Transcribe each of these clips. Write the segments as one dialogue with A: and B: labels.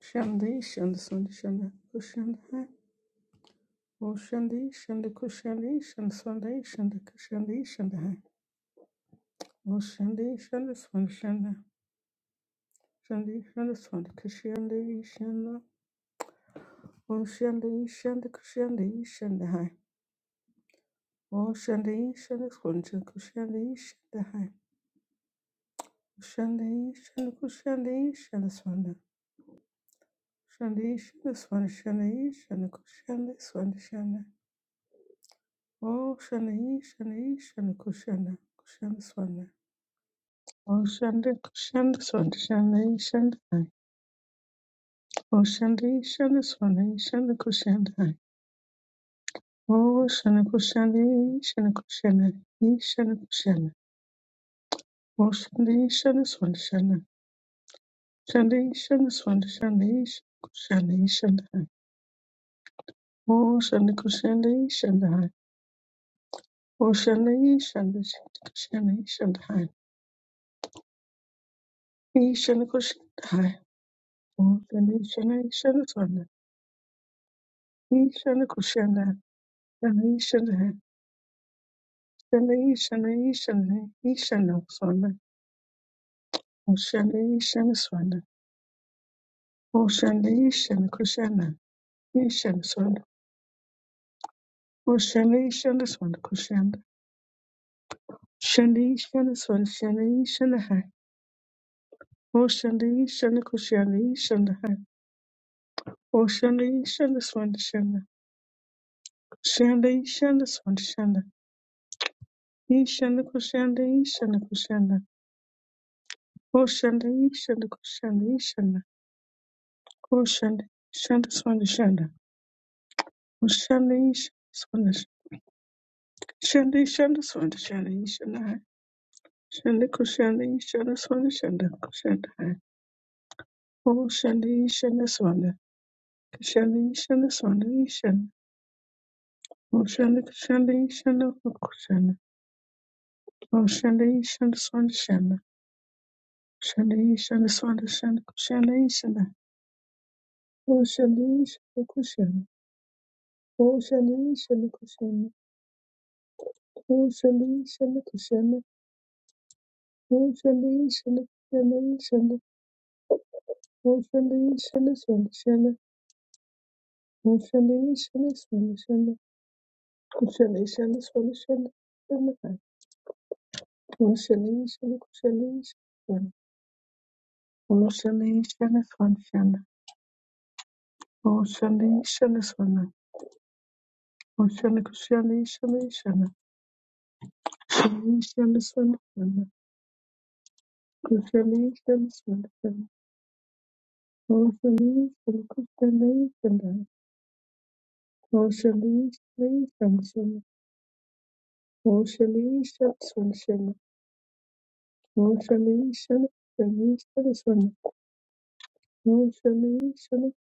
A: Shandi, shandi, shandi, shandi, kushandi, hai. Oh, shandi, shandi, kushandi, shandi, shandi, shandi, kushandi, shandi, hai. Oh, shandi, shandi, shandi, shandi, shandi, shandi, shandi, kushandi, shandi. Oh, shandi, shandi, kushandi, shandi, hai. Oh, shandi, shandi, shandi, kushandi, shandi, hai. Oh, shandi, shandi, kushandi, shandi, shandi. Shandi, shandi, shandi, shandi, shandi, kushandi, shandi, shandi. Oh, Shana E, Shana E, Kushana, Kushana Swana. Oh, Shanda, Kushanda Swana, Shana E, Shanda Oh, Shanda E, Shanda Swana, E, Shanda Kushanda Oh, Shana Kushanda E, Shana Kushana, E, Shana Kushana. Oh, Shanda E, Swana, Shana. Shanda E, Shanda Swana, Shana E, E, Shanda Oh, Shanda Kushanda E, Shanda Oh, Shanda E, Shanda, Shanda Kushana, E, Shanda Hai. E, Kushanda Oh, Shanda E, Shanda, E, Swana. Ishana kushana, shana ishana, shana ishana ishana, ishana swana, oshana ishana swana, oshana ishana kushana, ishana swana, oshana ishana swana kushana, shana ishana swana, shana ishana hai, oshana ishana kushana, ishana hai, oshana ishana swana shana, shana ishana swana shana, ishana kushana, ishana kushana, oshana ishana kushana, ishana. Kushanda, shanda, swanda, shanda. Kushanda, ish, swanda, shanda. Shanda, ish, shanda, swanda, shanda, ish, shanda, hai. Shanda, kushanda, ish, shanda, swanda, shanda, kushanda, hai. Oh, shanda, ish, shanda, swanda. Kushanda, ish, shanda, swanda, ish, shanda. Oh, shanda, kushanda, ish, shanda, kushanda. Oh, shanda, ish, shanda, swanda, shanda. Shanda, ish, shanda, swanda, shanda, kushanda, ish, shanda. Oh, shanda, ish, shanda, kushanda. Oh, shanda, ish, shanda, kushanda. Oh, shanda, ish, shanda, kushanda. Motionly, shall shall shall motionly, shall shall shall motionly, shall shall shall kushali, shall shall shall shall motionly, shall kushali, shall motionly, shall shall shall motionly, shall shall motionly, kushali, shall shall kushali, shall shall shall kushali, shall shall shall motionly, shall kushali, shall motionly, shall shall shall motionly, shall shall shall Mushalisha Shalisha Swana Mushalisha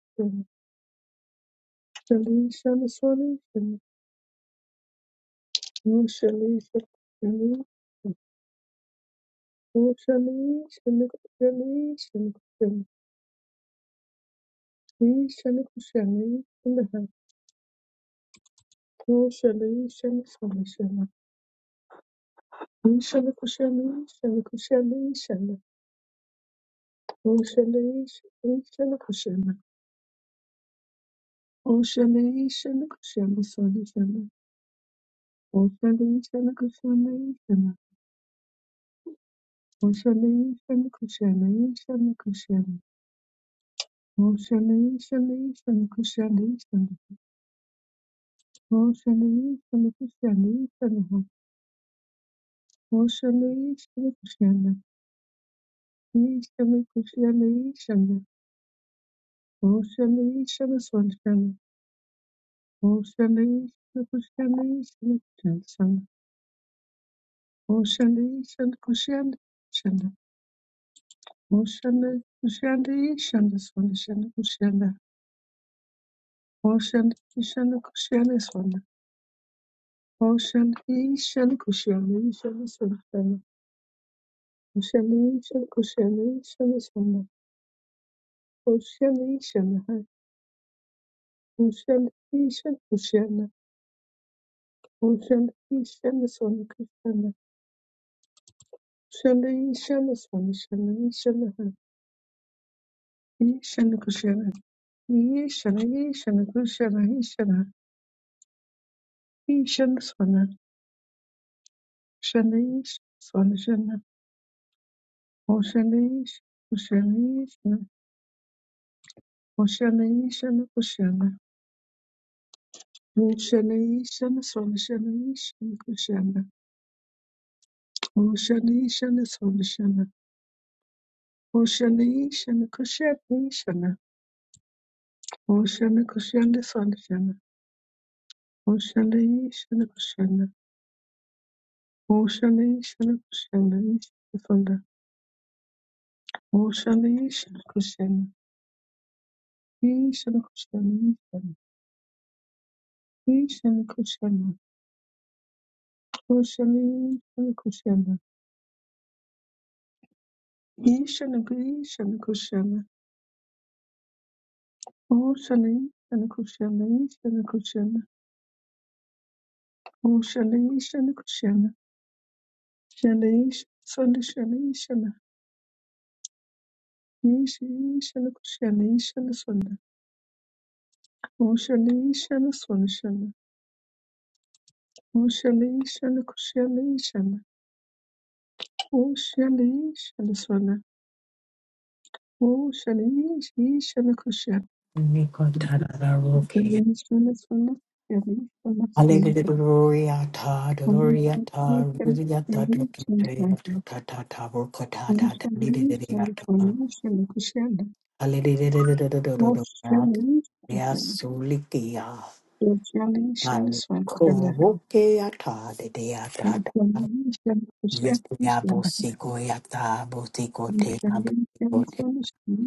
A: Shalisha Swana Mushalisha Shalisha Kushalayshan, Kushalayshan, Kushal. Kushalayshan, Kushalayshan, Kushalayshan. Kushalayshan, Kushalayshan, Kushalayshan, Kushal. Kushal, Kushalayshan. Kushalayshan, Kushal. Kushalayshan, Kushalayshan, Kushal. Kushalayshan, Kushal. Kushal, Kushalayshan, Kushal. Kushal, Kushal, Kushal. Oceanation, Oceanation, Oceanation, Oceanation, Oceanation, Ocean, Oceanation, Oceanation, Ocean, Oceanation, Ocean, Oceanation, Oceanation, Ocean, Ocean, Ocean, Ocean, Ocean, Ocean, Ocean, Oceanation, Ocean, Oceanation, Oceanation, Oceanation, Ocean, Shana Ishana Swana Shana Ishana Kushana. O Shana Ishana Swana Shana. O Shana Ishana Kushana Ishana. O Shana Kushana Swana Shana. O Shana Ishana Kushana. O Shana Ishana Kushana Ishana Swana. O Shana Ishana Kushana. Ishana Kushana Ishana. Ishana Kushana. O Shana Ishana Kushana. Ishana Kushana Kushana. O Shana Ishana Kushana Ishana Kushana. Kushalisha ni kushana. Shalisha, sonda, shalisha na. Yisha, yisha ni kushalisha na sonda. Kushalisha na sonda shana. Kushalisha ni kushalisha na. Kushalisha na sonda. Kushalisha, yisha ni kushana.
B: Nikotarararoke.
A: Kushalisha na sonda. Kushalisha na sonda. Kushalisha ni kushalisha na. Kushalisha ni kushalisha
B: Hallelujah, ta, gloria, ta, gloria, ta, ta, ta, ta, ta, ta, ta, ta, roka, ta, ta, ta, di, di, di, di, ya, ta.
A: na kushana.
B: Hallelujah,
A: Kushalisha na
B: ya,
A: sonda.
B: sulikia.
A: Socially, shall
B: Ay,
A: swan shall the
B: ko,
A: hand.
B: roke, ya, ta, de de ya, ta, ta.
A: Socially, shall social,
B: Media
A: shall the hand.
B: bosigo ya ta bosigo te na
A: Socially, shall
B: bosigo te.
A: swan shall.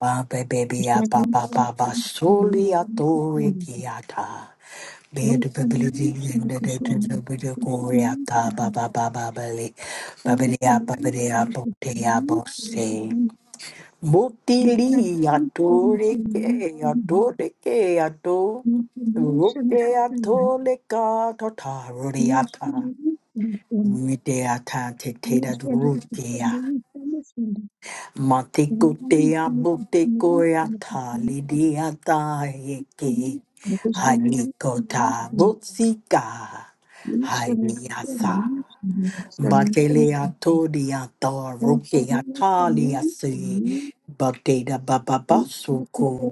B: Ba be baby ya ba
A: Socially,
B: ba
A: shall
B: ba ba
A: swan shall.
B: soli ya to riki ya Bed
A: Socially,
B: Babylon
A: shall
B: and the
A: social. Socially, shall. Socially, shall
B: dead is a bit of Korea,
A: socially.
B: Baba Baba Babali,
A: shall. Socially,
B: Babelia,
A: shall
B: Babelia,
A: socially.
B: Botea, Bose.
A: shall.
B: Motili
A: Socially, shall socially. Socially,
B: atoreke
A: shall
B: atoreke ato
A: swan.
B: roke
A: Socially, shall socially.
B: atoleka tataroriata mite ata te te da
A: shall.
B: Matiko te amo
A: Kushana,
B: te koea tali ni atae ke. tā motsika. Hai ni asa. Matele ato ni ata roke atali ase. Batena bababaso ko.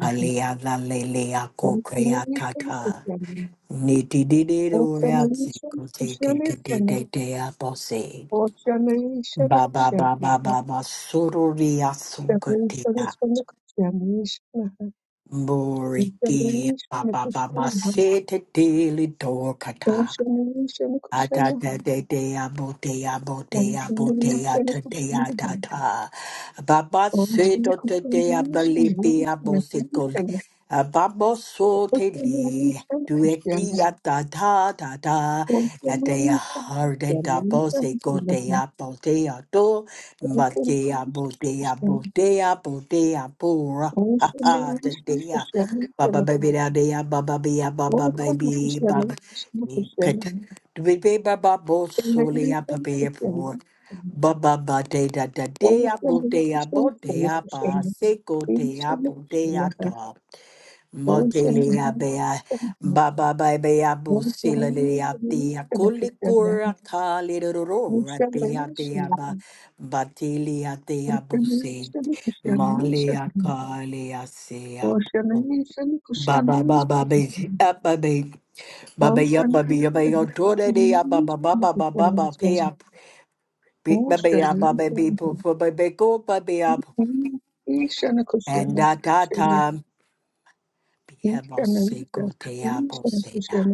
B: Ale ana lele tata. Ni ti di di te te te te te te apose. Ba ba ba ba ba ba sororiya sukatea morikia ba ba ba ba sete daily dorkata Atata de de abotea
A: Thank
B: botea botea tadea tata. Baba se to tadea balipia bosikol. Babo so teli. Dueki atata tata. Atea harde da bosiko dea botea to. Batea botea botea botea pura. Ha ha, tadea. Baba baby da dea, baba bea, baba baby, baba. Pet baby baba bo sole ya pape po baba ba de da da de ya bo de ya bo de ya ba se go de ya bo de ya da mo de le ya be ya
A: you.
B: baba ba be ya bo se le le
A: Ocean,
B: ya te
A: Ocean,
B: ya
A: Ocean,
B: kole kora ka le ro ro ro ra te ya te ya ba ba te le ya te ya bo se ma le ya ka le ya se ya
A: Ocean,
B: baba ba ba ba ba ba be Baba ya baba ya baba ya tore de ya baba baba baba baba pe ya pe- baba ya baba be po po baba go baba ya and da da da be have all say go te ya po se ya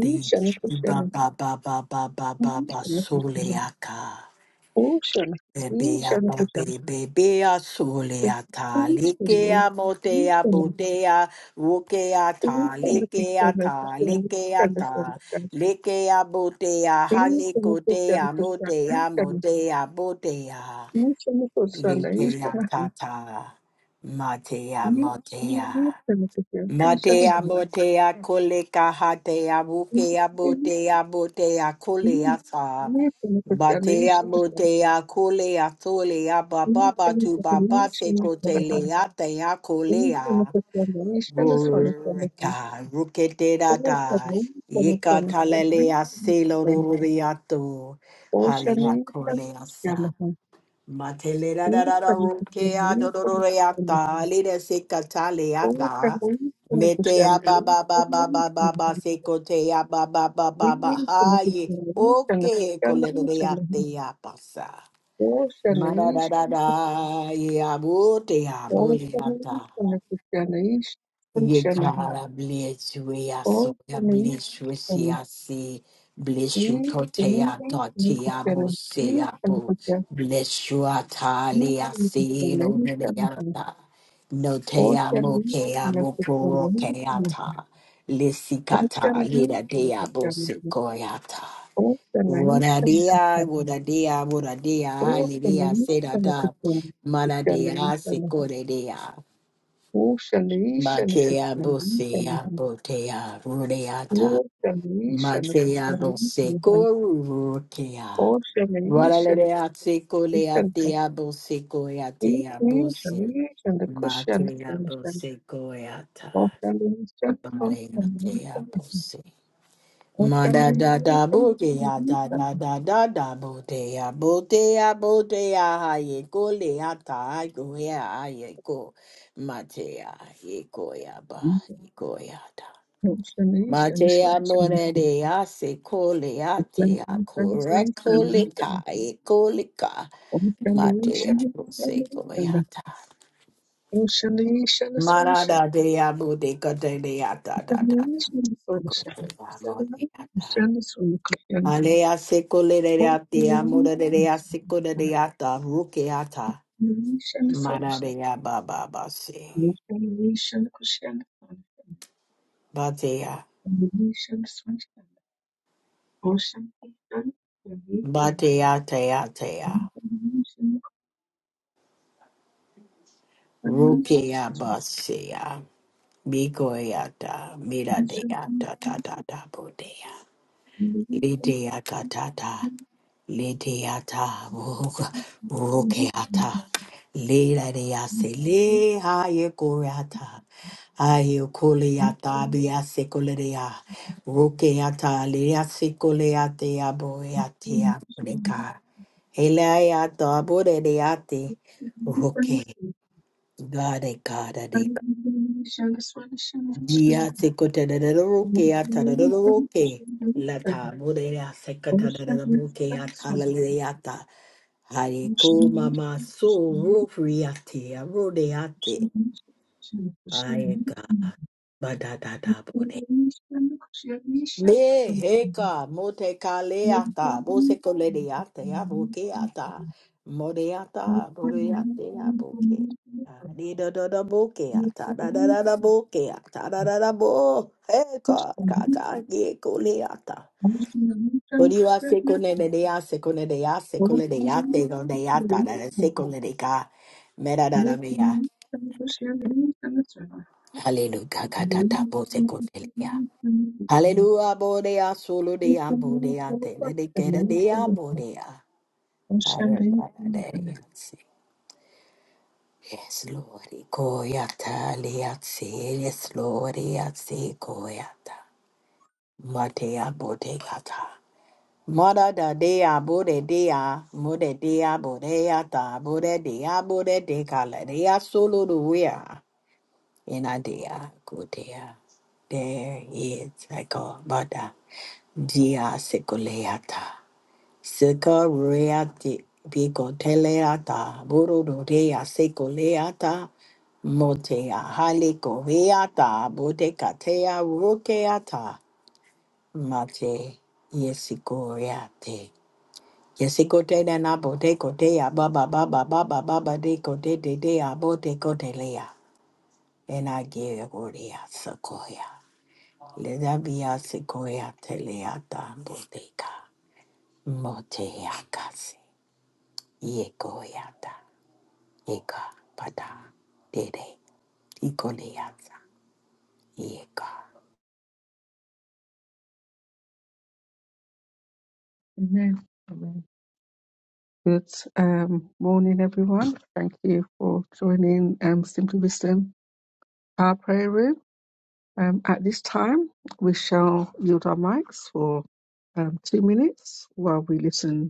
B: thank you baba baba baba baba sole ya Bebea babe bebea solea ta likea motea
A: Ocean,
B: bodea wokea ta
A: These
B: likea
A: beneficiaries
B: ta
A: posteriores
B: likea ta
A: pertenecen
B: likea botea
A: these
B: halikotea
A: beneficiaries posteriores
B: motea
A: internos
B: motea botea
A: inician cursando
B: likea
A: inician
B: ta
A: han
B: ta matea motea
A: these beneficiaries inician
B: Madea
A: han
B: motea koleka hatea bukea
A: these beneficiaries
B: botea botea
A: inician
B: kolea
A: han
B: sa.
A: these beneficiaries
B: Batea
A: inician han
B: motea kolea solea
A: these
B: bababa tu baba se kotelea tea kolea.
A: beneficiaries inician solicitan
B: Rureka
A: han
B: rukete,
A: Ocean
B: da.
A: inician
B: Yeka
A: solicitan
B: talelea selo ruriato.
A: Ocean
B: Halea
A: inician
B: kolea sa. Matelera da da da
A: solicitan Ocean
B: rokea do
A: inician
B: do do
A: solicitan
B: reata da, sekataleata metea
A: Oceanaí,
B: ba ba ba ba ba ba ba sekotea ba ba ba ba ba haye oke kolero de atea pasa mara da da da ya bote ya Ye God, I bless you. eh, I so I bless you. See, I see. Bless you, Kotea, Dotia, Boseapo. Bless you, Atali, I see, Lodeyata. Notea, Mokea, Boko, Keata. Lissikata, Lida Dea, Bosekoyata. Wodadia, Wodadia, Wodadia,
A: Shana
B: Halidia,
A: Kushani,
B: Sedata.
A: Shani
B: Manadea,
A: Shana,
B: Sekoredea.
A: O Shani Shana
B: Makea
A: Kushani,
B: bosea
A: Shani,
B: botea rudeata.
A: O Shani Shana
B: Makea
A: Kushani, Shani,
B: boseco rurutea.
A: O Shani Shana
B: Ralaledea seco
A: Kushani, Shani,
B: leatea boseco
A: E
B: yatea bose.
A: Shani Shana Kushani,
B: Matea
A: Shani,
B: boseco yata.
A: O Shani Shana Kushani,
B: tea
A: Shani,
B: bose.
A: O
B: Ma da
A: Shani
B: da
A: Shana
B: da
A: Kushani, Shani, O Shani Shana Kushani, Shani, Shani Shana Kushani, Shani,
B: bo ke ya da da da da da bo te ya bo te ya bo te ya ha ye ko le ya ta ai ko ya a ye ko ma te ya ye ko ya ba ye ko ya da ma te ya mo ne de ya se ko le ya te ya ko re ko le ka ye ko le ka
A: O
B: ma
A: Shani
B: te ya
A: Shana
B: bo se
A: Kushani,
B: ko ya
A: Shani,
B: da
A: Umshana shana
B: ma
A: swana
B: da da
A: shana.
B: te ya bo te ko te le ya da da da
A: Umshana shana swana
B: ko te
A: shana.
B: ya mo te ya da
A: Umshana swana kushana.
B: Alea seko lereate
A: Umshana
B: amorerea seko
A: swana kushana.
B: ata rukeata
A: Umshana swana shana.
B: mararea baba basi
A: Umshana shana kushana swana shana.
B: batea
A: Umshana swana shana. Umshana kushana swana shana.
B: batea tea tea
A: Umshana shana
B: rukea
A: kushana
B: basia bigoyata mira miradeata ta
A: shana.
B: ta ta bodea
A: Umshana
B: litea ta ta Ledeata rokeata ledease le hayekorata ayekoleata biasekolea rokeata leasekoleate aboeatea bodeka eleata bodeate roke
A: Thank
B: gade
A: you.
B: Dia te kota da da da roke a ta da da da roke. La ta bore ya se kota da da da roke a ta la le ya ta. Hare ko mama so ro a te ro de ya te. Aye ga. Ba da da da bore me heka mote kaleata, bose koledeate, abokeata, modeata, boreate, aboke. Di da da da bokeata, da da da da bokeata, da da da bo, heka, kaka, ye koleata. Boriwa se kone de dea, se kone de ya, se kone de ya, te don de ya, ta da da se kone de ka, mera da da
A: Amen.
B: mea.
A: Amen.
B: Hallelujah, ka ka ta Hallelujah, Bodea, Solo dea, Bodea, Tele de Keda dea, Bodea. Yes, Lord, Koyata, Leatse, yes, Lord, Yatse, Koyata. Matea, Bodeata. mother da dea, Bode dea, Mode dea, Bodeata, Bode dea, Bode de Caladea, Solo do wea. In a dea, Kotea. There is a God, Bada, Dia Seculeata. Sikoreati Picoteleata, Bururea Secoleata, Motea Halicoreata, Botecatea Rukeata, Mate Yesicoreate. Yesicote na botecotea, baba baba baba baba decote de dea botecotelea, and I give Orea Sequoia. Let that be a Sequoia teleata boteca, Motea casi. Yekoyata, Yeka, Pata, Dede, Ikoleyata, Yeka.
A: Good um, morning, everyone. Thank you for joining um, Simply Wisdom Our Prayer Room. Um, at this time, we shall yield our mics for um, two minutes while we listen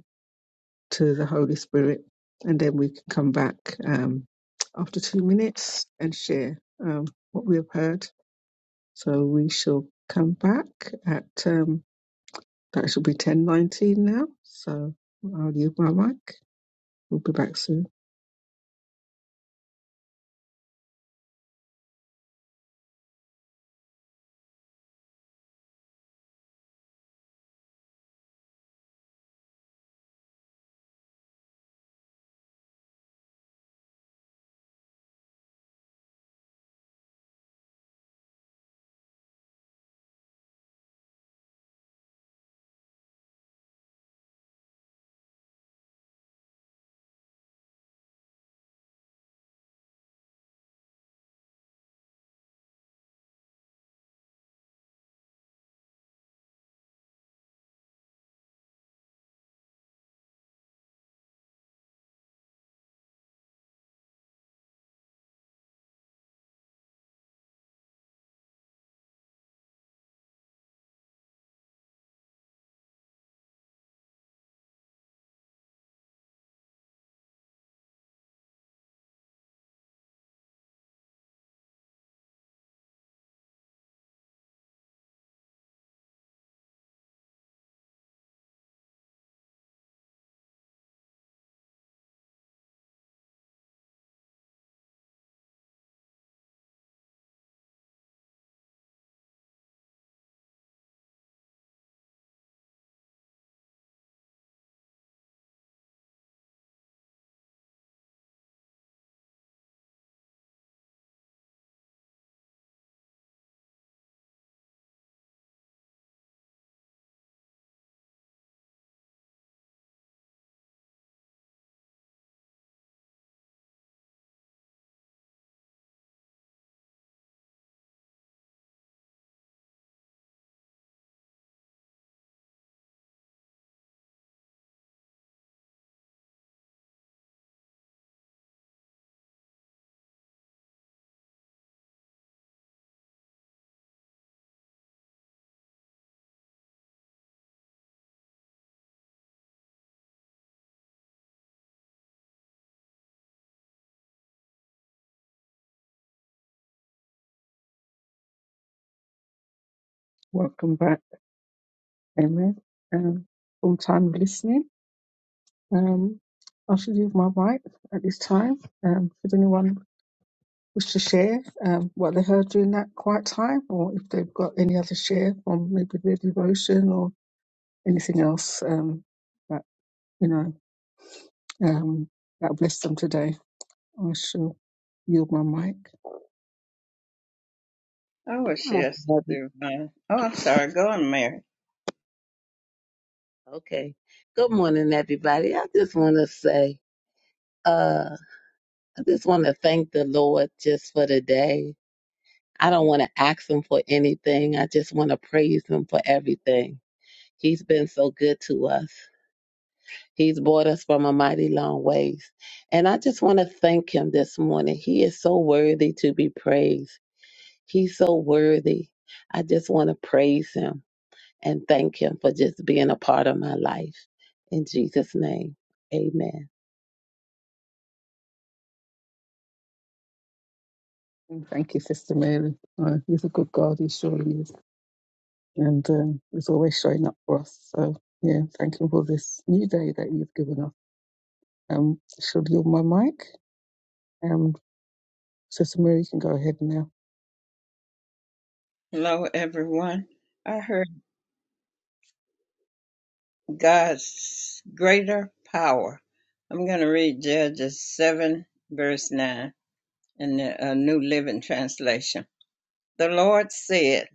A: to the Holy Spirit, and then we can come back um, after two minutes and share um, what we have heard. So we shall come back at um, that should be ten nineteen now. So I'll leave my mic. We'll be back soon. Welcome back, Amen. Um, full time listening. Um, I should leave my mic at this time. Um, should anyone was to share um, what they heard during that quiet time, or if they've got any other share from maybe their devotion or anything else um, that you know um, that blessed them today. I shall yield my mic.
C: I wish
D: Come on,
C: yes,
D: every-
C: through mine. Oh, I'm sorry. Go on, Mary.
D: Okay. Good morning, everybody. I just want to say, uh, I just want to thank the Lord just for the day. I don't want to ask him for anything. I just want to praise him for everything. He's been so good to us. He's brought us from a mighty long ways. And I just want to thank him this morning. He is so worthy to be praised. He's so worthy. I just want to praise him. and thank him for just being a part of my life. In Jesus' name, amen.
A: And thank you, Sister Mary. Uh, he's a good God. He surely is, and um, he's always showing up for us. So yeah, thank you for this new day that you've given us. Um, I shall yield my mic. Um, Sister Mary, you can go ahead now.
C: Hello, everyone. I heard God's greater power. I'm going to read Judges 7, verse 9 in the uh, New Living Translation. The Lord said,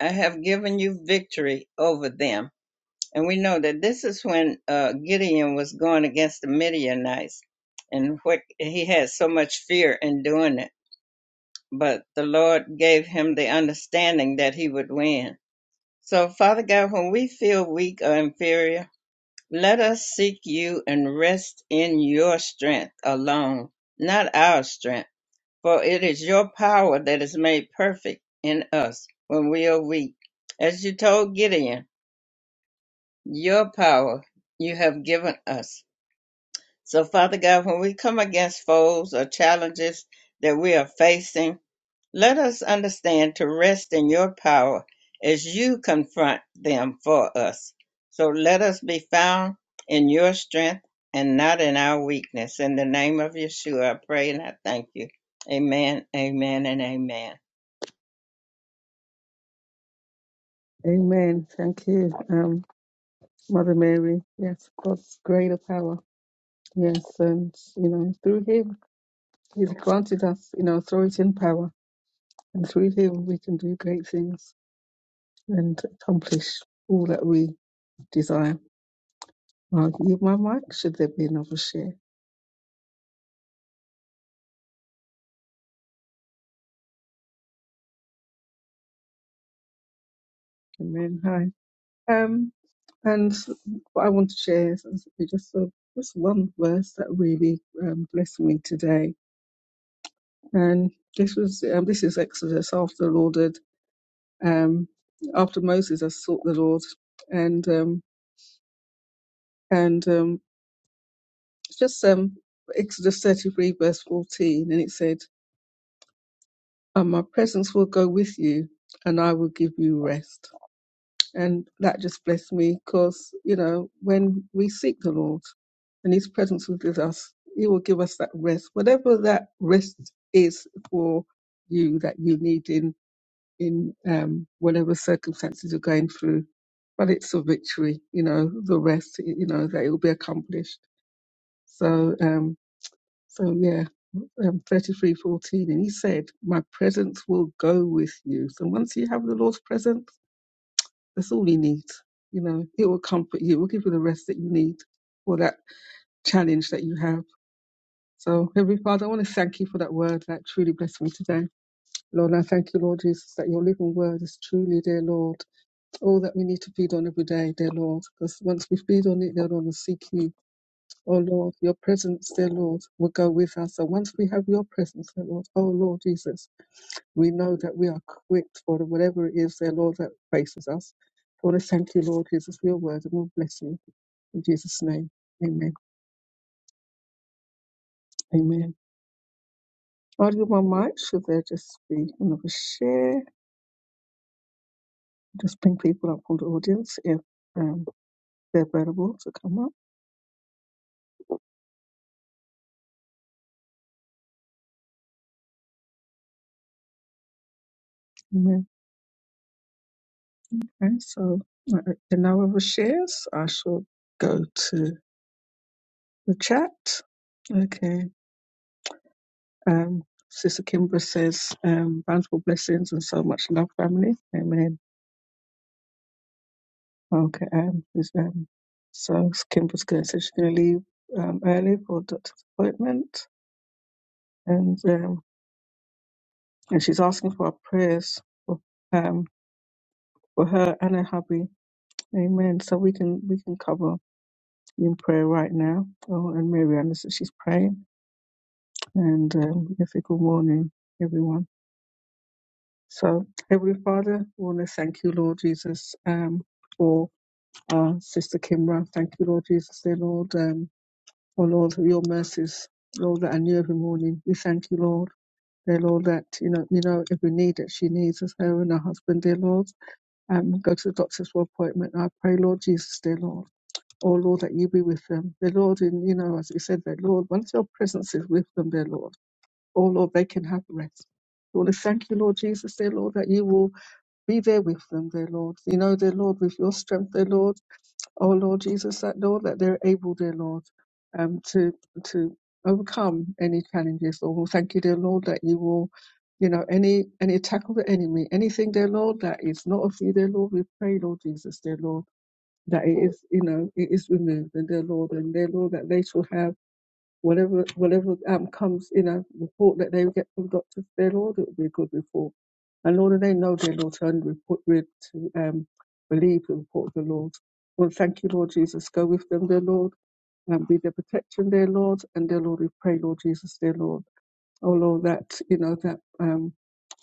C: I have given you victory over them. And we know that this is when uh, Gideon was going against the Midianites, and what, he had so much fear in doing it. But the Lord gave him the understanding that he would win So, Father God, when we feel weak or inferior, let us seek you and rest in your strength alone, not our strength. For it is your power that is made perfect in us when we are weak. As you told Gideon, your power you have given us. So, Father God, when we come against foes or challenges that we are facing, let us understand to rest in your power as you confront them for us. So let us be found in your strength and not in our weakness. In the name of Yeshua, I pray and I thank you. Amen, amen, and amen.
A: Amen. Thank you. Um, Mother Mary, yes, God's greater power. Yes, and you know, through him he's granted us, you know, authority and power. And through him we can do great things and accomplish all that we desire. I'll give my mic, should there be another share. Amen. Hi. Um and what I want to share is is just a, just one verse that really um, blessed me today. And this was um, this is Exodus after the Lord had um, after Moses has sought the Lord, and um, and um, just um, Exodus 33 verse 14, and it said, and "My presence will go with you, and I will give you rest." And that just blessed me because you know when we seek the Lord, and His presence is with us, He will give us that rest, whatever that rest is for you that you need in in um, whatever circumstances you're going through. But it's a victory, you know, the rest, y- you know, that it will be accomplished. So, um, so yeah, um, 33 fourteen, And he said, My presence will go with you. So once you have the Lord's presence, that's all you need. You know, it will comfort you, it will give you the rest that you need for that challenge that you have. So, Heavenly Father, I want to thank you for that word that truly blessed me today. Lord, I thank you, Lord Jesus, that your living word is truly, dear Lord. Oh, that we need to feed on every day, dear Lord, because once we feed on it, dear Lord, and seek you, oh Lord, your presence, dear Lord, will go with us. And once we have your presence, dear Lord, oh Lord Jesus, we know that we are equipped for whatever it is, dear Lord, that faces us. I want to thank you, Lord Jesus, for your word, and we'll bless you in Jesus' name. Amen. Amen. I'll give my mic. Should there just be another share? Just bring people up from the audience if um, they're available to come up. Amen. Okay, so uh, in our other shares, I shall go to the chat. Okay. Um, Sister Kimbra says, um, bountiful blessings and so much love, family. Amen. Okay. Um, is, um, so Kimbra's going to say she's going to leave um, early for doctor's appointment. And, um, and she's asking for our prayers for, um, for her and her hubby. Amen. So we can we can cover in prayer right now. Oh, and Miriam, as she's praying. and um, difficult morning, everyone. So, Heavenly Father, we want to thank you, Lord Jesus, um, for our sister Kimra. Thank you, Lord Jesus, dear Lord, um, oh Lord, for your mercies, Lord, that I knew every morning. We thank you, Lord. Dear Lord, that you know, you know every need that she needs as her and her husband, dear Lord. Um, go to the doctors for appointment. I pray, Lord Jesus, dear Lord. Oh Lord, that you be with them. Dear Lord, and you know, as you said, dear Lord, once your presence is with them, dear Lord. Oh Lord, they can have rest. We want to thank you, Lord Jesus, dear Lord, that you will be there with them, dear Lord. You know, dear Lord, with your strength, dear Lord. Oh Lord Jesus, that Lord, that they're able, dear Lord, um, to to overcome any challenges. Lord, we thank you, dear Lord, that you will, you know, any any attack of the enemy, anything, dear Lord, that is not of you, dear Lord, we pray, Lord Jesus, dear Lord, that it is, you know, it is removed, and dear Lord, and dear Lord, that they shall have. Whatever whatever um, comes in a report that they get from doctors, their Lord, it will be a good report. And Lord, and they know their Lord to, un- report, re- to um, believe the report of the Lord. Well, thank you, Lord Jesus. Go with them, dear Lord, and be their protection, dear Lord. And dear Lord, we pray, Lord Jesus, dear Lord. Oh, Lord, that, you know, that um,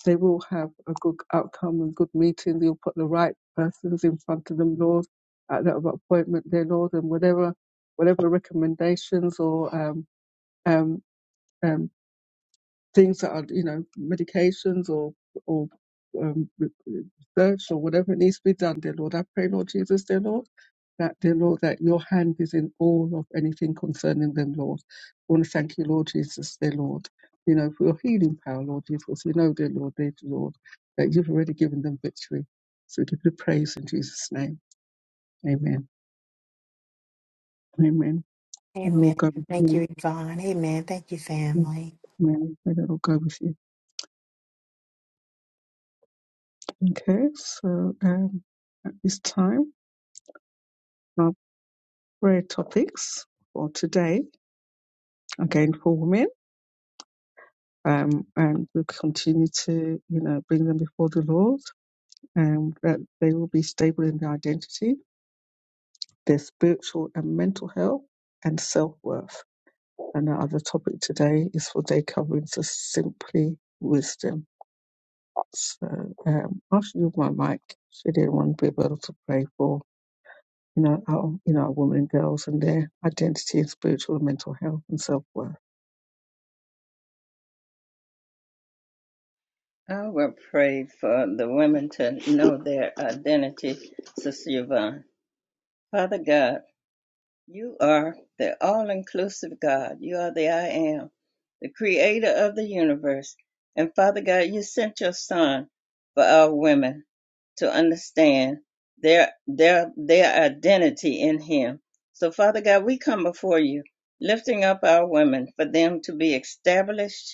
A: they will have a good outcome and good meeting. You'll put the right persons in front of them, Lord, at that appointment, dear Lord, and whatever whatever recommendations or um, um, um, things that are, you know, medications or or um, re- re- research or whatever it needs to be done, dear Lord. I pray, Lord Jesus, dear Lord, that dear Lord, that your hand is in all of anything concerning them, Lord. I want to thank you, Lord Jesus, dear Lord, you know, for your healing power, Lord Jesus. We know, dear Lord, dear Lord, that you've already given them victory. So give you praise in Jesus' name. Amen. Amen. And
B: Amen.
A: Lord God,
B: Thank
A: with
B: you, Yvonne. Amen. Thank you,
A: you.
B: family.
A: Amen. May the Lord go with you. Okay, so um, at this time. our prayer topics for today again for women um, and we will continue to you know bring them before the lord and that they will be stable in their identity their spiritual and mental health and self-worth and our other topic today is for day covering so simply wisdom so um, after you my mic should anyone be able to pray for you know our you know our women and girls and their identity and spiritual and mental health and self-worth
C: I will pray for the women to know their identity, Sister Yvonne. Father God, You are the all inclusive God. You are the I am, the creator of the universe. And Father God, you sent your son for our women to understand their their their identity in him. So Father God, we come before you, lifting up our women for them to be established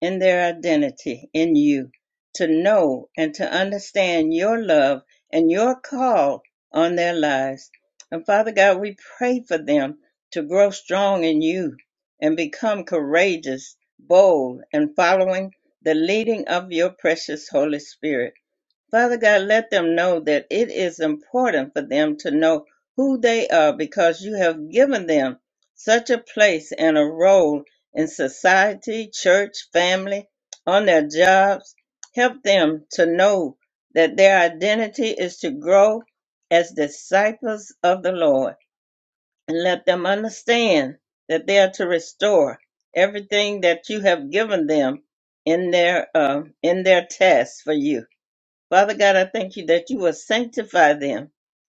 C: in their identity in you, to know and to understand your love and your call on their lives. And Father God, we pray for them to grow strong in you and become courageous, bold, and following the leading of your precious Holy Spirit. Father God, let them know that it is important for them to know who they are because you have given them such a place and a role in society, church, family, on their jobs. Help them to know that their identity is to grow as disciples of the Lord and let them understand that they are to restore everything that you have given them in their uh, in their task for you. Father God, I thank you that you will sanctify them,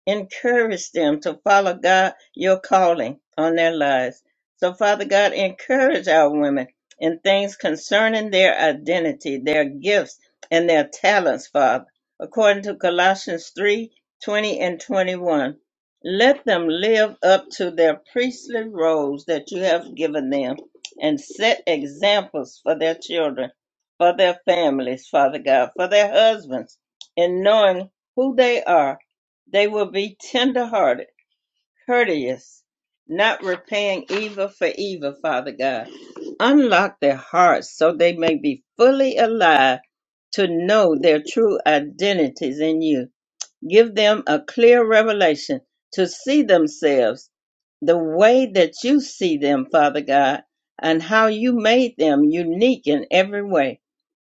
C: encourage them to follow God, your calling on their lives. So, Father God, encourage our women in things concerning their identity, their gifts, and their talents, Father, according to Colossians 3 20 and 21. Let them live up to their priestly roles that you have given them and set examples for their children, for their families, Father God, for their husbands in knowing who they are, they will be tender-hearted, courteous, not repaying evil for evil, Father God. Unlock their hearts so they may be fully alive to know their true identities in you. Give them a clear revelation to see themselves the way that you see them, Father God, and how you made them unique in every way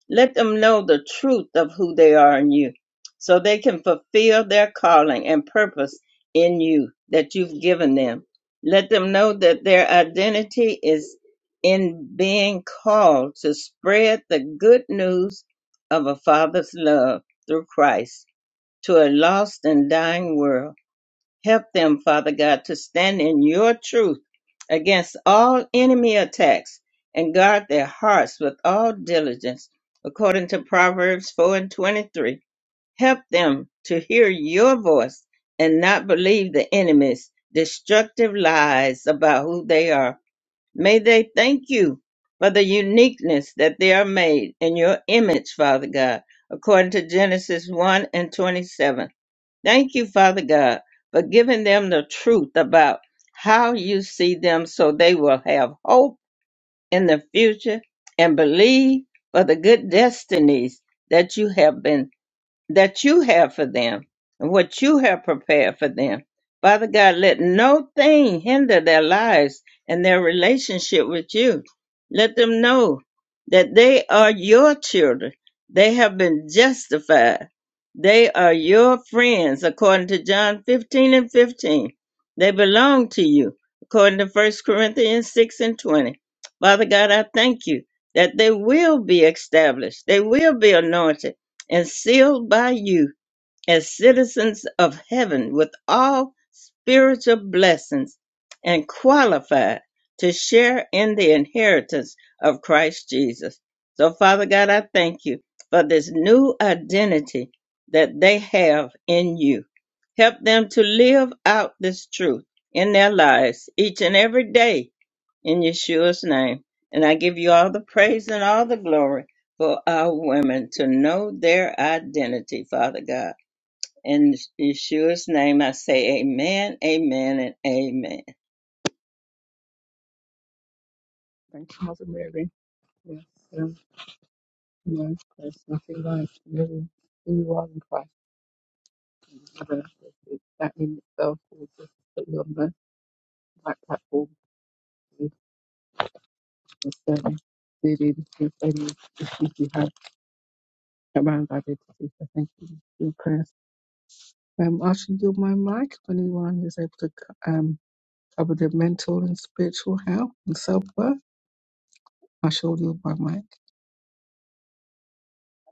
C: let them know the truth of who they are in you so they can fulfill their calling and purpose in you that you've given them. Let them know that their identity is in being called to spread the good news of a Father's love through Christ to a lost and dying world Help them, Father God, to stand in your truth against all enemy attacks and guard their hearts with all diligence, according to Proverbs 4 and 23. Help them to hear your voice and not believe the enemy's destructive lies about who they are. May they thank you for the uniqueness that they are made in your image, Father God, according to Genesis 1 and 27. Thank you, Father God, for giving them the truth about how you see them so they will have hope in the future and believe for the good destinies that you have been that you have for them and what you have prepared for them. Father God, let no thing hinder their lives and their relationship with you. Let them know that they are your children. They have been justified. They are your friends, according to John 15 and 15. They belong to you, according to First Corinthians 6 and 20. Father God, I thank you that they will be established. They will be anointed and sealed by you as citizens of heaven with all spiritual blessings and qualified to share in the inheritance of Christ Jesus. So, Father God, I thank you for this new identity that they have in you. Help them to live out this truth in their lives each and every day in Yeshua's name. And I give you all the praise and all the glory for our women to know their identity, Father God. In Yeshua's name, I say amen, amen, and amen.
A: thank you mother mary Yes, um, no, there's nothing like living who you are in one Christ in That in itself will just put you on the right platform to discern dealing with any issues you have around identity. So thank you for your prayers. Um, I should do my mic if anyone is able to c- um, cover their mental and spiritual health and self worth. I shall do my mic.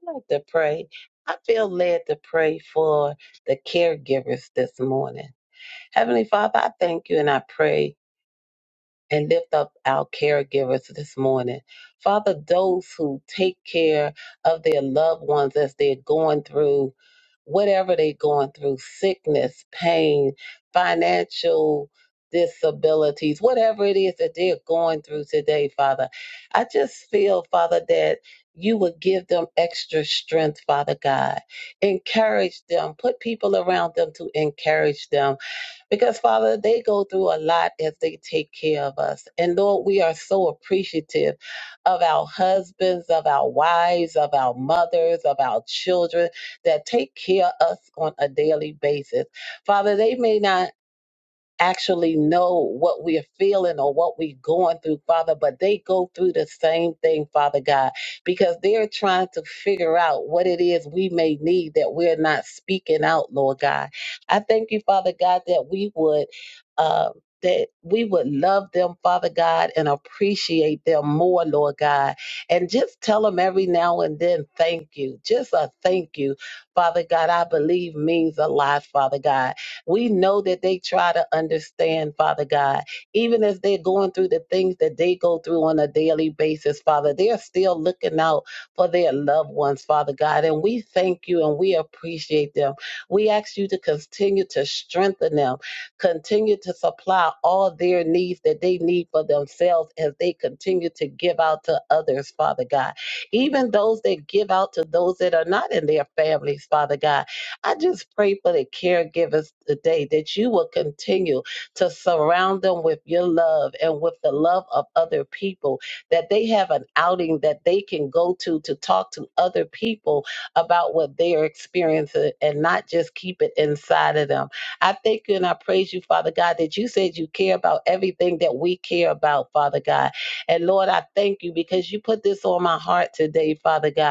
D: i like to pray. I feel led to pray for the caregivers this morning. Heavenly Father, I thank you and I pray and lift up our caregivers this morning. Father, those who take care of their loved ones as they're going through whatever they're going through sickness, pain, financial disabilities, whatever it is that they're going through today, Father. I just feel, Father, that you would give them extra strength, Father God. Encourage them, put people around them to encourage them because, Father, they go through a lot as they take care of us. And Lord, we are so appreciative of our husbands, of our wives, of our mothers, of our children that take care of us on a daily basis. Father, they may not actually know what we're feeling or what we're going through, Father, but they go through the same thing, Father God, because they're trying to figure out what it is we may need that we're not speaking out, Lord God. I thank you, Father God, that we would. Uh, that we would love them, Father God, and appreciate them more, Lord God. And just tell them every now and then, thank you. Just a thank you, Father God, I believe means a lot, Father God. We know that they try to understand, Father God, even as they're going through the things that they go through on a daily basis, Father, they're still looking out for their loved ones, Father God. And we thank you and we appreciate them. We ask you to continue to strengthen them, continue to supply all their needs that they need for themselves as they continue to give out to others, Father God. Even those that give out to those that are not in their families, Father God. I just pray for the caregivers today that you will continue to surround them with your love and with the love of other people, that they have an outing that they can go to to talk to other people about what they are experiencing and not just keep it inside of them. I thank you and I praise you, Father God, that you said you care about everything that we care about, Father God. And Lord, I thank you because you put this on my heart today, Father God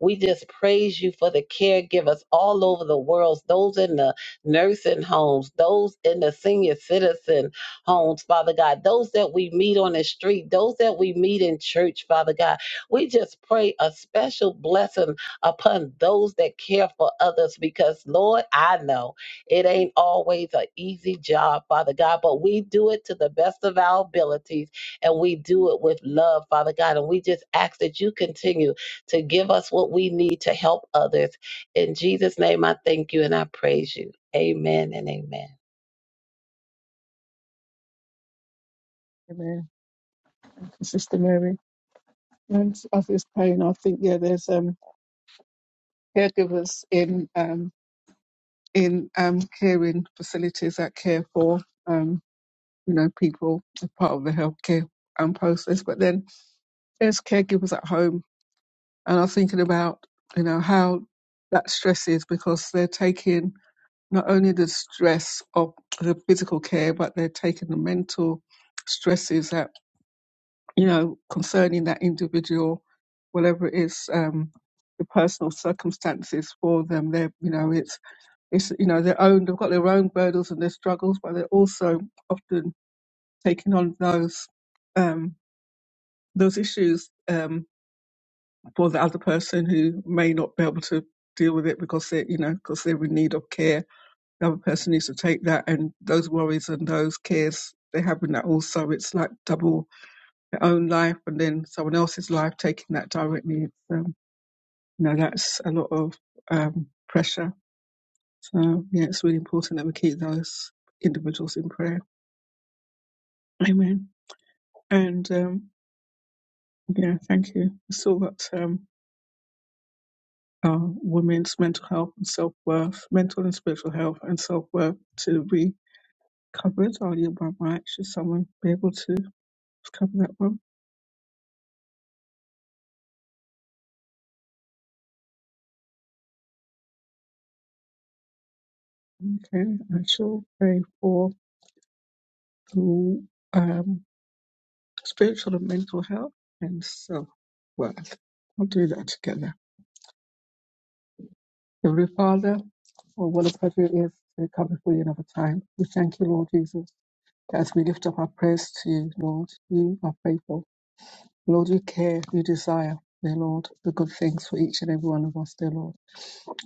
D: we just praise you for the caregivers all over the world, those in the nursing homes, those in the senior citizen homes, Father God, those that we meet on the street, those that we meet in church, Father God. We just pray a special blessing upon those that care for others because, Lord, I know it ain't always an easy job, Father God, but we do it to the best of our abilities and we do it with love, Father God. And we just ask that you continue to give us what we need to help others. In Jesus' name, I thank you and I praise you. Amen and amen.
A: Amen. Sister Mary. And as is praying, I think, yeah, there's um, caregivers in. Um, in um, caring facilities that care for um, you know people as part of the healthcare um, process. But then there's caregivers at home, and I'm thinking about you know how that stress is because they're taking not only the stress of the physical care, but they're taking the mental stresses that you know concerning that individual, whatever it is. Um, the personal circumstances for them, they're you know it's it's you know their own. They've got their own burdens and their struggles, but they're also often taking on those um, those issues um, for the other person who may not be able to deal with it because they are you know because they're in need of care. The other person needs to take that and those worries and those cares they have in that also. It's like double their own life and then someone else's life taking that directly. It's, um, you know that's a lot of um, pressure. So yeah, it's really important that we keep those individuals in prayer. Amen. And um, yeah, thank you. We saw that um, uh, women's mental health and self worth, mental and spiritual health and self worth to be covered. I'll yield my mic. Should someone be able to cover that one? Okay, I shall pray for the um, spiritual and mental health and self worth. I'll do that together. Heavenly Father, or what a pleasure it is to come before you another time. We thank you, Lord Jesus As we lift up our prayers to you, Lord, you are faithful. Lord, you care, you desire, dear Lord, the good things for each and every one of us, dear Lord.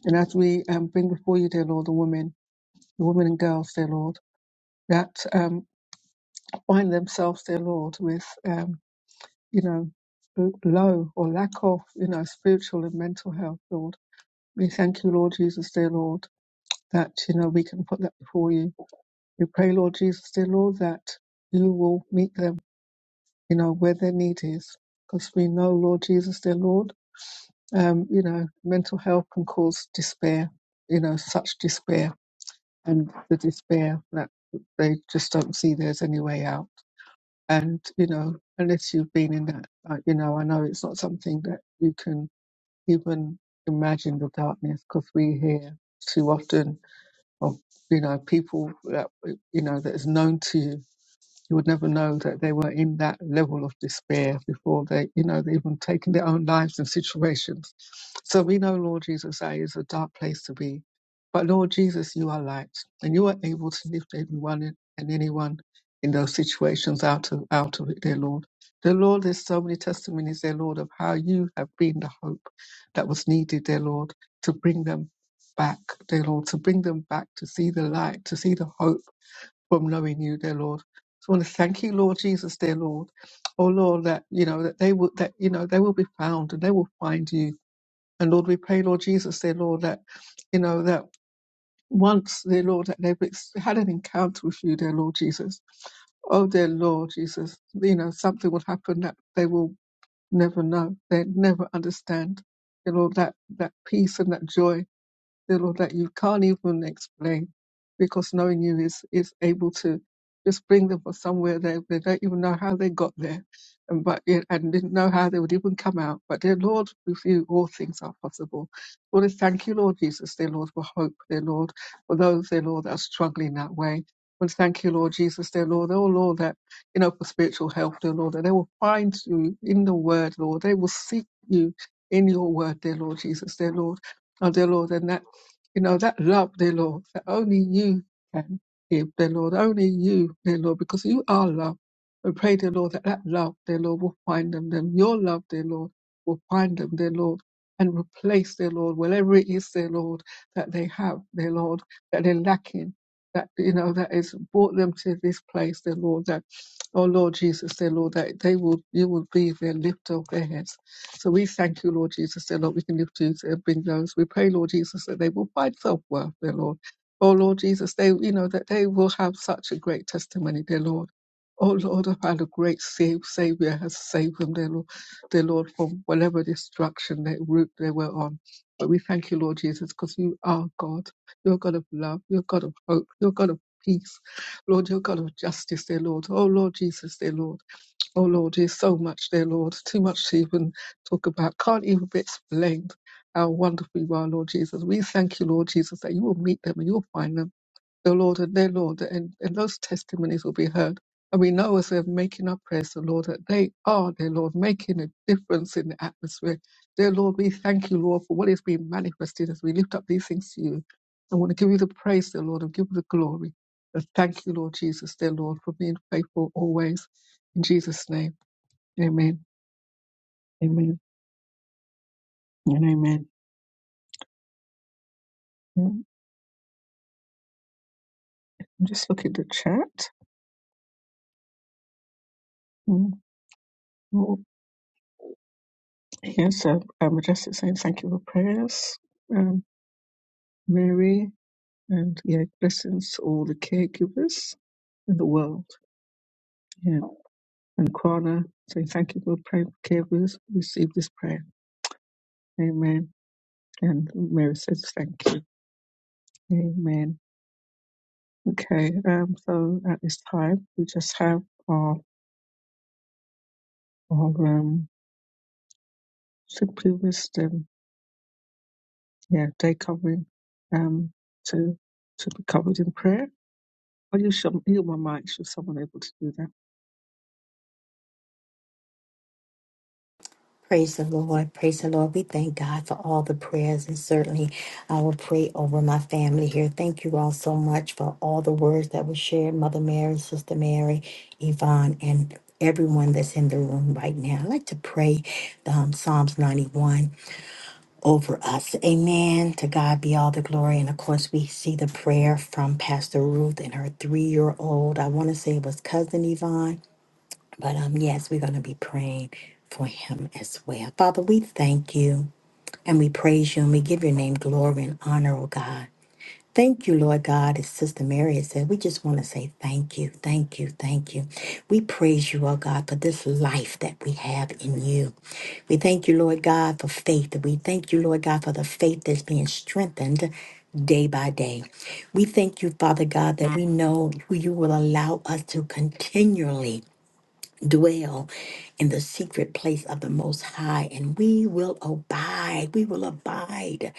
A: And as we um, bring before you, dear Lord, the women, the women and girls, dear Lord, that um, find themselves, dear Lord, with, um, you know, l- low or lack of, you know, spiritual and mental health, Lord. We thank you, Lord Jesus, dear Lord, that, you know, we can put that before you. We pray, Lord Jesus, dear Lord, that you will meet them you know, where their need is. Because we know, Lord Jesus, their Lord, um, you know, mental health can cause despair, you know, such despair and the despair that they just don't see there's any way out. And, you know, unless you've been in that, uh, you know, I know it's not something that you can even imagine the darkness because we hear too often of, you know, people that, you know, that is known to you you would never know that they were in that level of despair before they, you know, they even taken their own lives in situations. So we know, Lord Jesus, that is a dark place to be. But Lord Jesus, you are light, and you are able to lift everyone and and anyone in those situations out of out of it, dear Lord. Dear Lord, there's so many testimonies, dear Lord, of how you have been the hope that was needed, dear Lord, to bring them back, dear Lord, to bring them back to see the light, to see the hope from knowing you, dear Lord. So I want to thank you, Lord Jesus, dear Lord. Oh Lord, that you know that they will that you know they will be found and they will find you. And Lord, we pray, Lord Jesus, dear Lord, that you know that once, dear Lord, that they've ex- had an encounter with you, dear Lord Jesus. Oh dear Lord Jesus, you know something will happen that they will never know, they never understand. You know that that peace and that joy dear Lord, that you can't even explain because knowing you is, is able to just bring them from somewhere they, they don't even know how they got there and but yeah, and didn't know how they would even come out. But dear Lord, with you all things are possible. Lord, I thank you, Lord Jesus, dear Lord, for hope, dear Lord, for those, dear Lord, that are struggling that way. Lord, thank you, Lord Jesus, dear Lord, oh Lord, that you know for spiritual health, dear Lord, that they will find you in the word, Lord. They will seek you in your word, dear Lord Jesus, dear Lord. Oh, dear Lord, and that you know, that love, dear Lord, that only you can give, dear Lord, only you, dear Lord, because you are love. We pray, dear Lord, that that love, dear Lord, will find them, then your love, dear Lord, will find them, dear Lord, and replace, dear Lord, whatever it is, dear Lord, that they have, dear Lord, that they're lacking, that, you know, that has brought them to this place, dear Lord, that, oh Lord Jesus, dear Lord, that they will, you will be their lift of their heads. So we thank you, Lord Jesus, dear Lord, we can lift you to bring those. We pray, Lord Jesus, that they will find self-worth, dear Lord. Oh, Lord Jesus, they, you know, that they will have such a great testimony, dear Lord. Oh, Lord, of how the great save, Savior has saved them, dear Lord, dear Lord, from whatever destruction, that route they were on. But we thank you, Lord Jesus, because you are God. You're God of love. You're God of hope. You're God of peace. Lord, you're God of justice, dear Lord. Oh, Lord Jesus, dear Lord. Oh Lord, there's so much there, Lord. Too much to even talk about. Can't even be explained how wonderful you are, Lord Jesus. We thank you, Lord Jesus, that you will meet them and you'll find them, the Lord and their Lord, and, and those testimonies will be heard. And we know as we're making our prayers, the Lord, that they are, dear Lord, making a difference in the atmosphere. Dear Lord, we thank you, Lord, for what is being manifested as we lift up these things to you. I want to give you the praise, dear Lord, and give you the glory. And thank you, Lord Jesus, dear Lord, for being faithful always. In Jesus' name. Amen. Amen. And amen. Mm, Just look at the chat. Mm, mm. Yes, um, um, Majestic saying thank you for prayers. Um, Mary, and yeah, blessings to all the caregivers in the world. Yeah. And Kwana saying thank you for praying for caregivers. Receive this prayer. Amen. And Mary says thank you. Amen. Okay, um, so at this time, we just have our, our um, simply wisdom yeah, day covering, um, to to be covered in prayer. Are you some? You, my mic, should someone able to do that?
B: Praise the Lord. Praise the Lord. We thank God for all the prayers, and certainly I will pray over my family here. Thank you all so much for all the words that were shared, Mother Mary, Sister Mary, Yvonne, and everyone that's in the room right now. I'd like to pray um, Psalms 91. over us. Amen. To God be all the glory. And of course, we see the prayer from Pastor Ruth and her three year old. I want to say it was cousin Yvonne, but um, yes, we're going to be praying for him as well. Father, we thank you and we praise you and we give your name glory and honor, oh God. Thank you, Lord God. As Sister Mary has said, we just want to say thank you, thank you, thank you. We praise you, oh God, for this life that we have in you. We thank you, Lord God, for faith. We thank you, Lord God, for the faith that's being strengthened day by day. We thank you, Father God, that we know who you will allow us to continually dwell in the secret place of the Most High, and we will abide. We will abide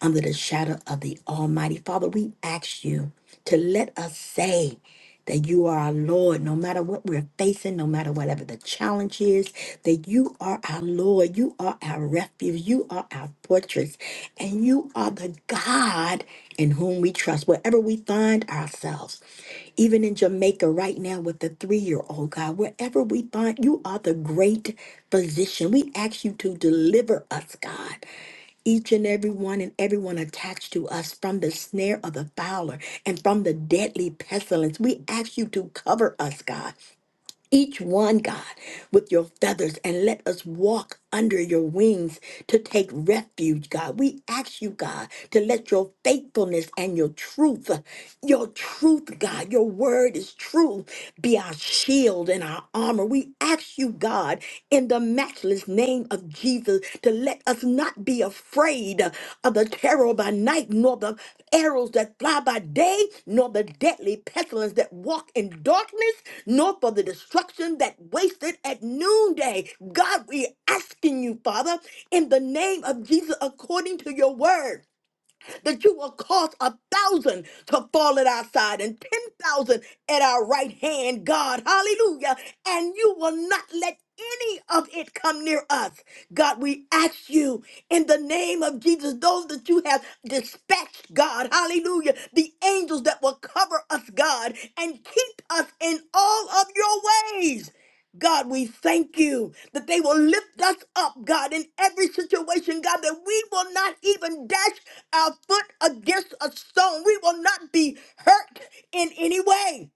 B: under the shadow of the Almighty. Father, we ask you to let us say, that you are our Lord, no matter what we're facing, no matter whatever the challenge is, that you are our Lord, you are our refuge, you are our fortress, and you are the God in whom we trust, wherever we find ourselves, even in Jamaica right now with the three year old, God, wherever we find you are the great physician. We ask you to deliver us, God. Each and every one and everyone attached to us from the snare of the fowler and from the deadly pestilence. We ask you to cover us, God each one, God, with your feathers and let us walk under your wings to take refuge, God. We ask you, God, to let your faithfulness and your truth, your truth, God, your word is truth, be our shield and our armor. We ask you, God, in the matchless name of Jesus to let us not be afraid of the terror by night, nor the arrows that fly by day, nor the deadly pestilence that walk in darkness, nor for the destruction that wasted at noonday. God, we're asking you, Father, in the name of Jesus, according to your word that you will cause a thousand to fall at our side and 10,000 at our right hand, God. Hallelujah. And you will not let any of it come near us. God, we ask you in the name of Jesus, those that you have dispatched, God, hallelujah, the angels that will cover us, God, and keep us in all of your ways. God, we thank you that they will lift us up, God, in every situation, God, that we will not even dash our foot against a stone. We will not be hurt in any way.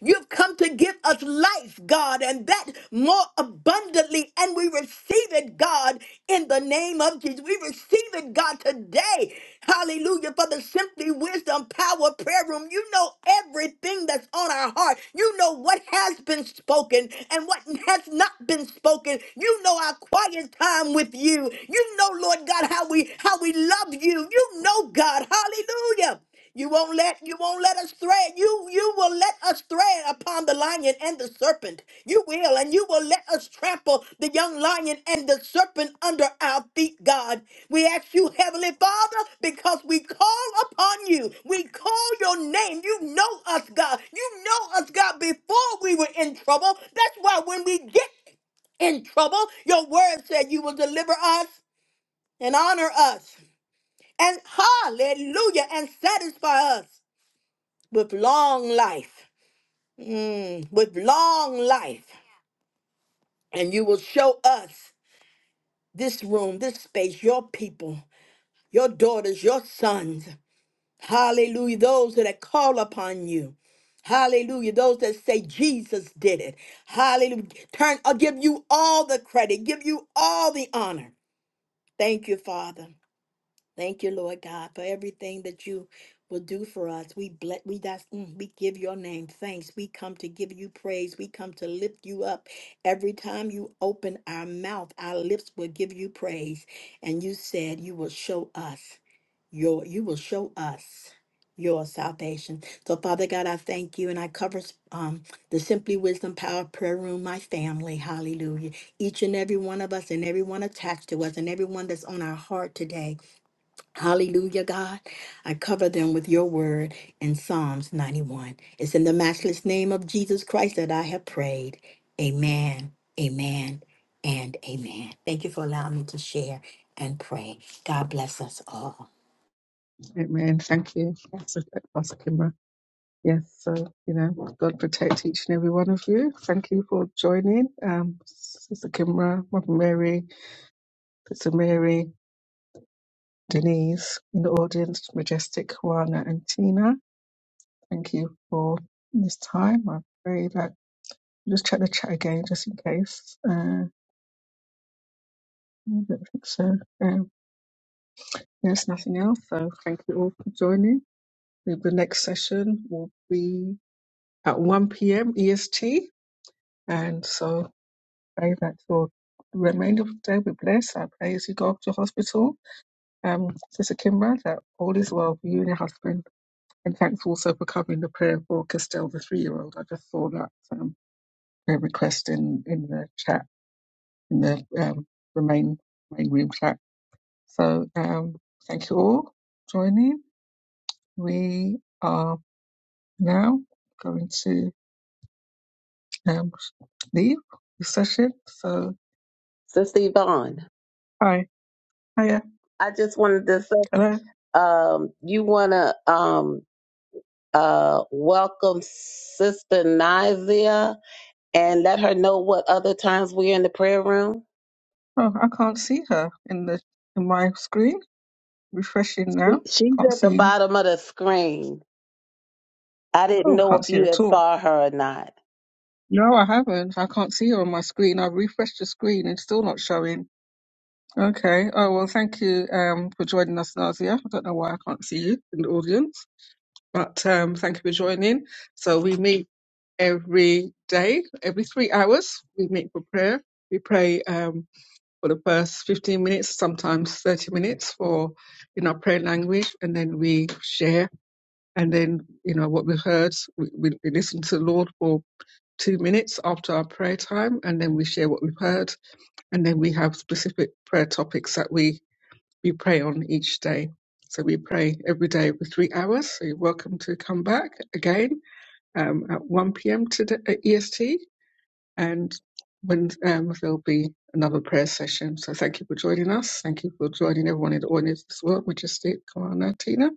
B: You've come to give us life, God, and that more abundantly. And we receive it, God, in the name of Jesus. We receive it, God, today. Hallelujah. For the Simply Wisdom Power Prayer Room, you know everything that's on our heart. You know what has been spoken and what has not been spoken. You know our quiet time with you. You know, Lord God, how we how we love you. You know, God. Hallelujah. You won't let you won't let us thread. You you will let us thread upon the lion and the serpent. You will, and you will let us trample the young lion and the serpent under our feet, God. We ask you, Heavenly Father, because we call upon you. We call your name. You know us, God. You know us, God, before we were in trouble. That's why when we get in trouble, your word said you will deliver us and honor us and hallelujah and satisfy us with long life, Mm, with long life. And you will show us this room, this space, your people, your daughters, your sons. Hallelujah. Those that call upon you. Hallelujah. Those that say Jesus did it. Hallelujah. Turn, I'll give you all the credit, give you all the honor. Thank you, Father. Thank you, Lord God, for everything that you will do for us. We bless, we that's, mm, we give your name thanks. We come to give you praise. We come to lift you up. Every time you open our mouth, our lips will give you praise. And you said you will show us your you will show us your salvation. So Father God, I thank you and I cover um the Simply Wisdom Power Prayer Room, my family. Hallelujah. Each and every one of us and everyone attached to us and everyone that's on our heart today. Hallelujah, God. I cover them with your word in Psalms 91. It's in the matchless name of Jesus Christ that I have prayed. Amen, amen, and amen. Thank you for allowing me to share and pray. God bless us all.
A: Amen. Thank you, Pastor Pastor Kimra. Yes, so you know, God protect each and every one of you. Thank you for joining, um, Sister Kimra, Mother Mary, Sister Mary, Denise in the audience, Majestic, Juana, and Tina. Thank you for this time. I pray that just check the chat again, just in case. Uh, yeah, I don't think so. Um, There's nothing else. So thank you all for joining. The the next session will be at 1 p.m. EST. And so pray that your the remainder of the day be blessed. I pray as you go up to hospital, um, Sister Kimber, that all is well for you and your husband. And thanks also for covering the prayer for Castell, the three-year-old. I just saw that um, prayer request in, in the chat, in the, um, the main, main room chat. So um, thank you all for joining. We are now going to um, leave the session. So
D: Sister Yvonne,
A: hi, hiya,
D: I just wanted to say,
A: hello.
D: um, you want to um, uh, welcome Sister Nizia and let her know what other times we're in the prayer room.
A: Oh, I can't see her in the in my screen. Refreshing
D: She-
A: now.
D: She's
A: Can't
D: at the
A: see.
D: bottom of the screen. I didn't
A: Oh,
D: know if
A: can't see her
D: you
A: at
D: had
A: all.
D: saw her or not.
A: No, I haven't. I can't see her on my screen. I've refreshed the screen and still not showing. Okay. Oh well, thank you um for joining us, Nazia. I don't know why I can't see you in the audience. But um, thank you for joining. So we meet every day, every three hours. We meet for prayer. We pray um, for the first 15 minutes, sometimes 30 minutes for in our prayer language, and then we share. And then, you know, what we've heard, we, we, we listen to the Lord for two minutes after our prayer time, and then we share what we've heard. And then we have specific prayer topics that we, we pray on each day. So we pray every day for three hours. So you're welcome to come back again um, at 1 p.m. today at EST, and when um, there'll be another prayer session. So thank you for joining us. Thank you for joining everyone in the audience as well, Majestic, Kamana, Tina,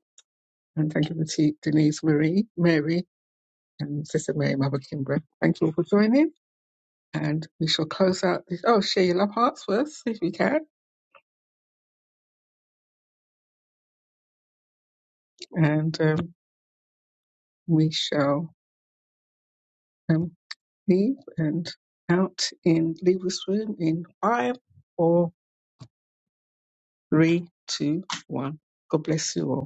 A: and thank you for T- Denise, Marie, Mary, and Sister Mary, Mother Kimbra. Thank you all for joining, and we shall close out this. Oh, share your love hearts first if you can, and um, we shall um, leave and out in leave this room in five, four. three, two, one. God bless you all.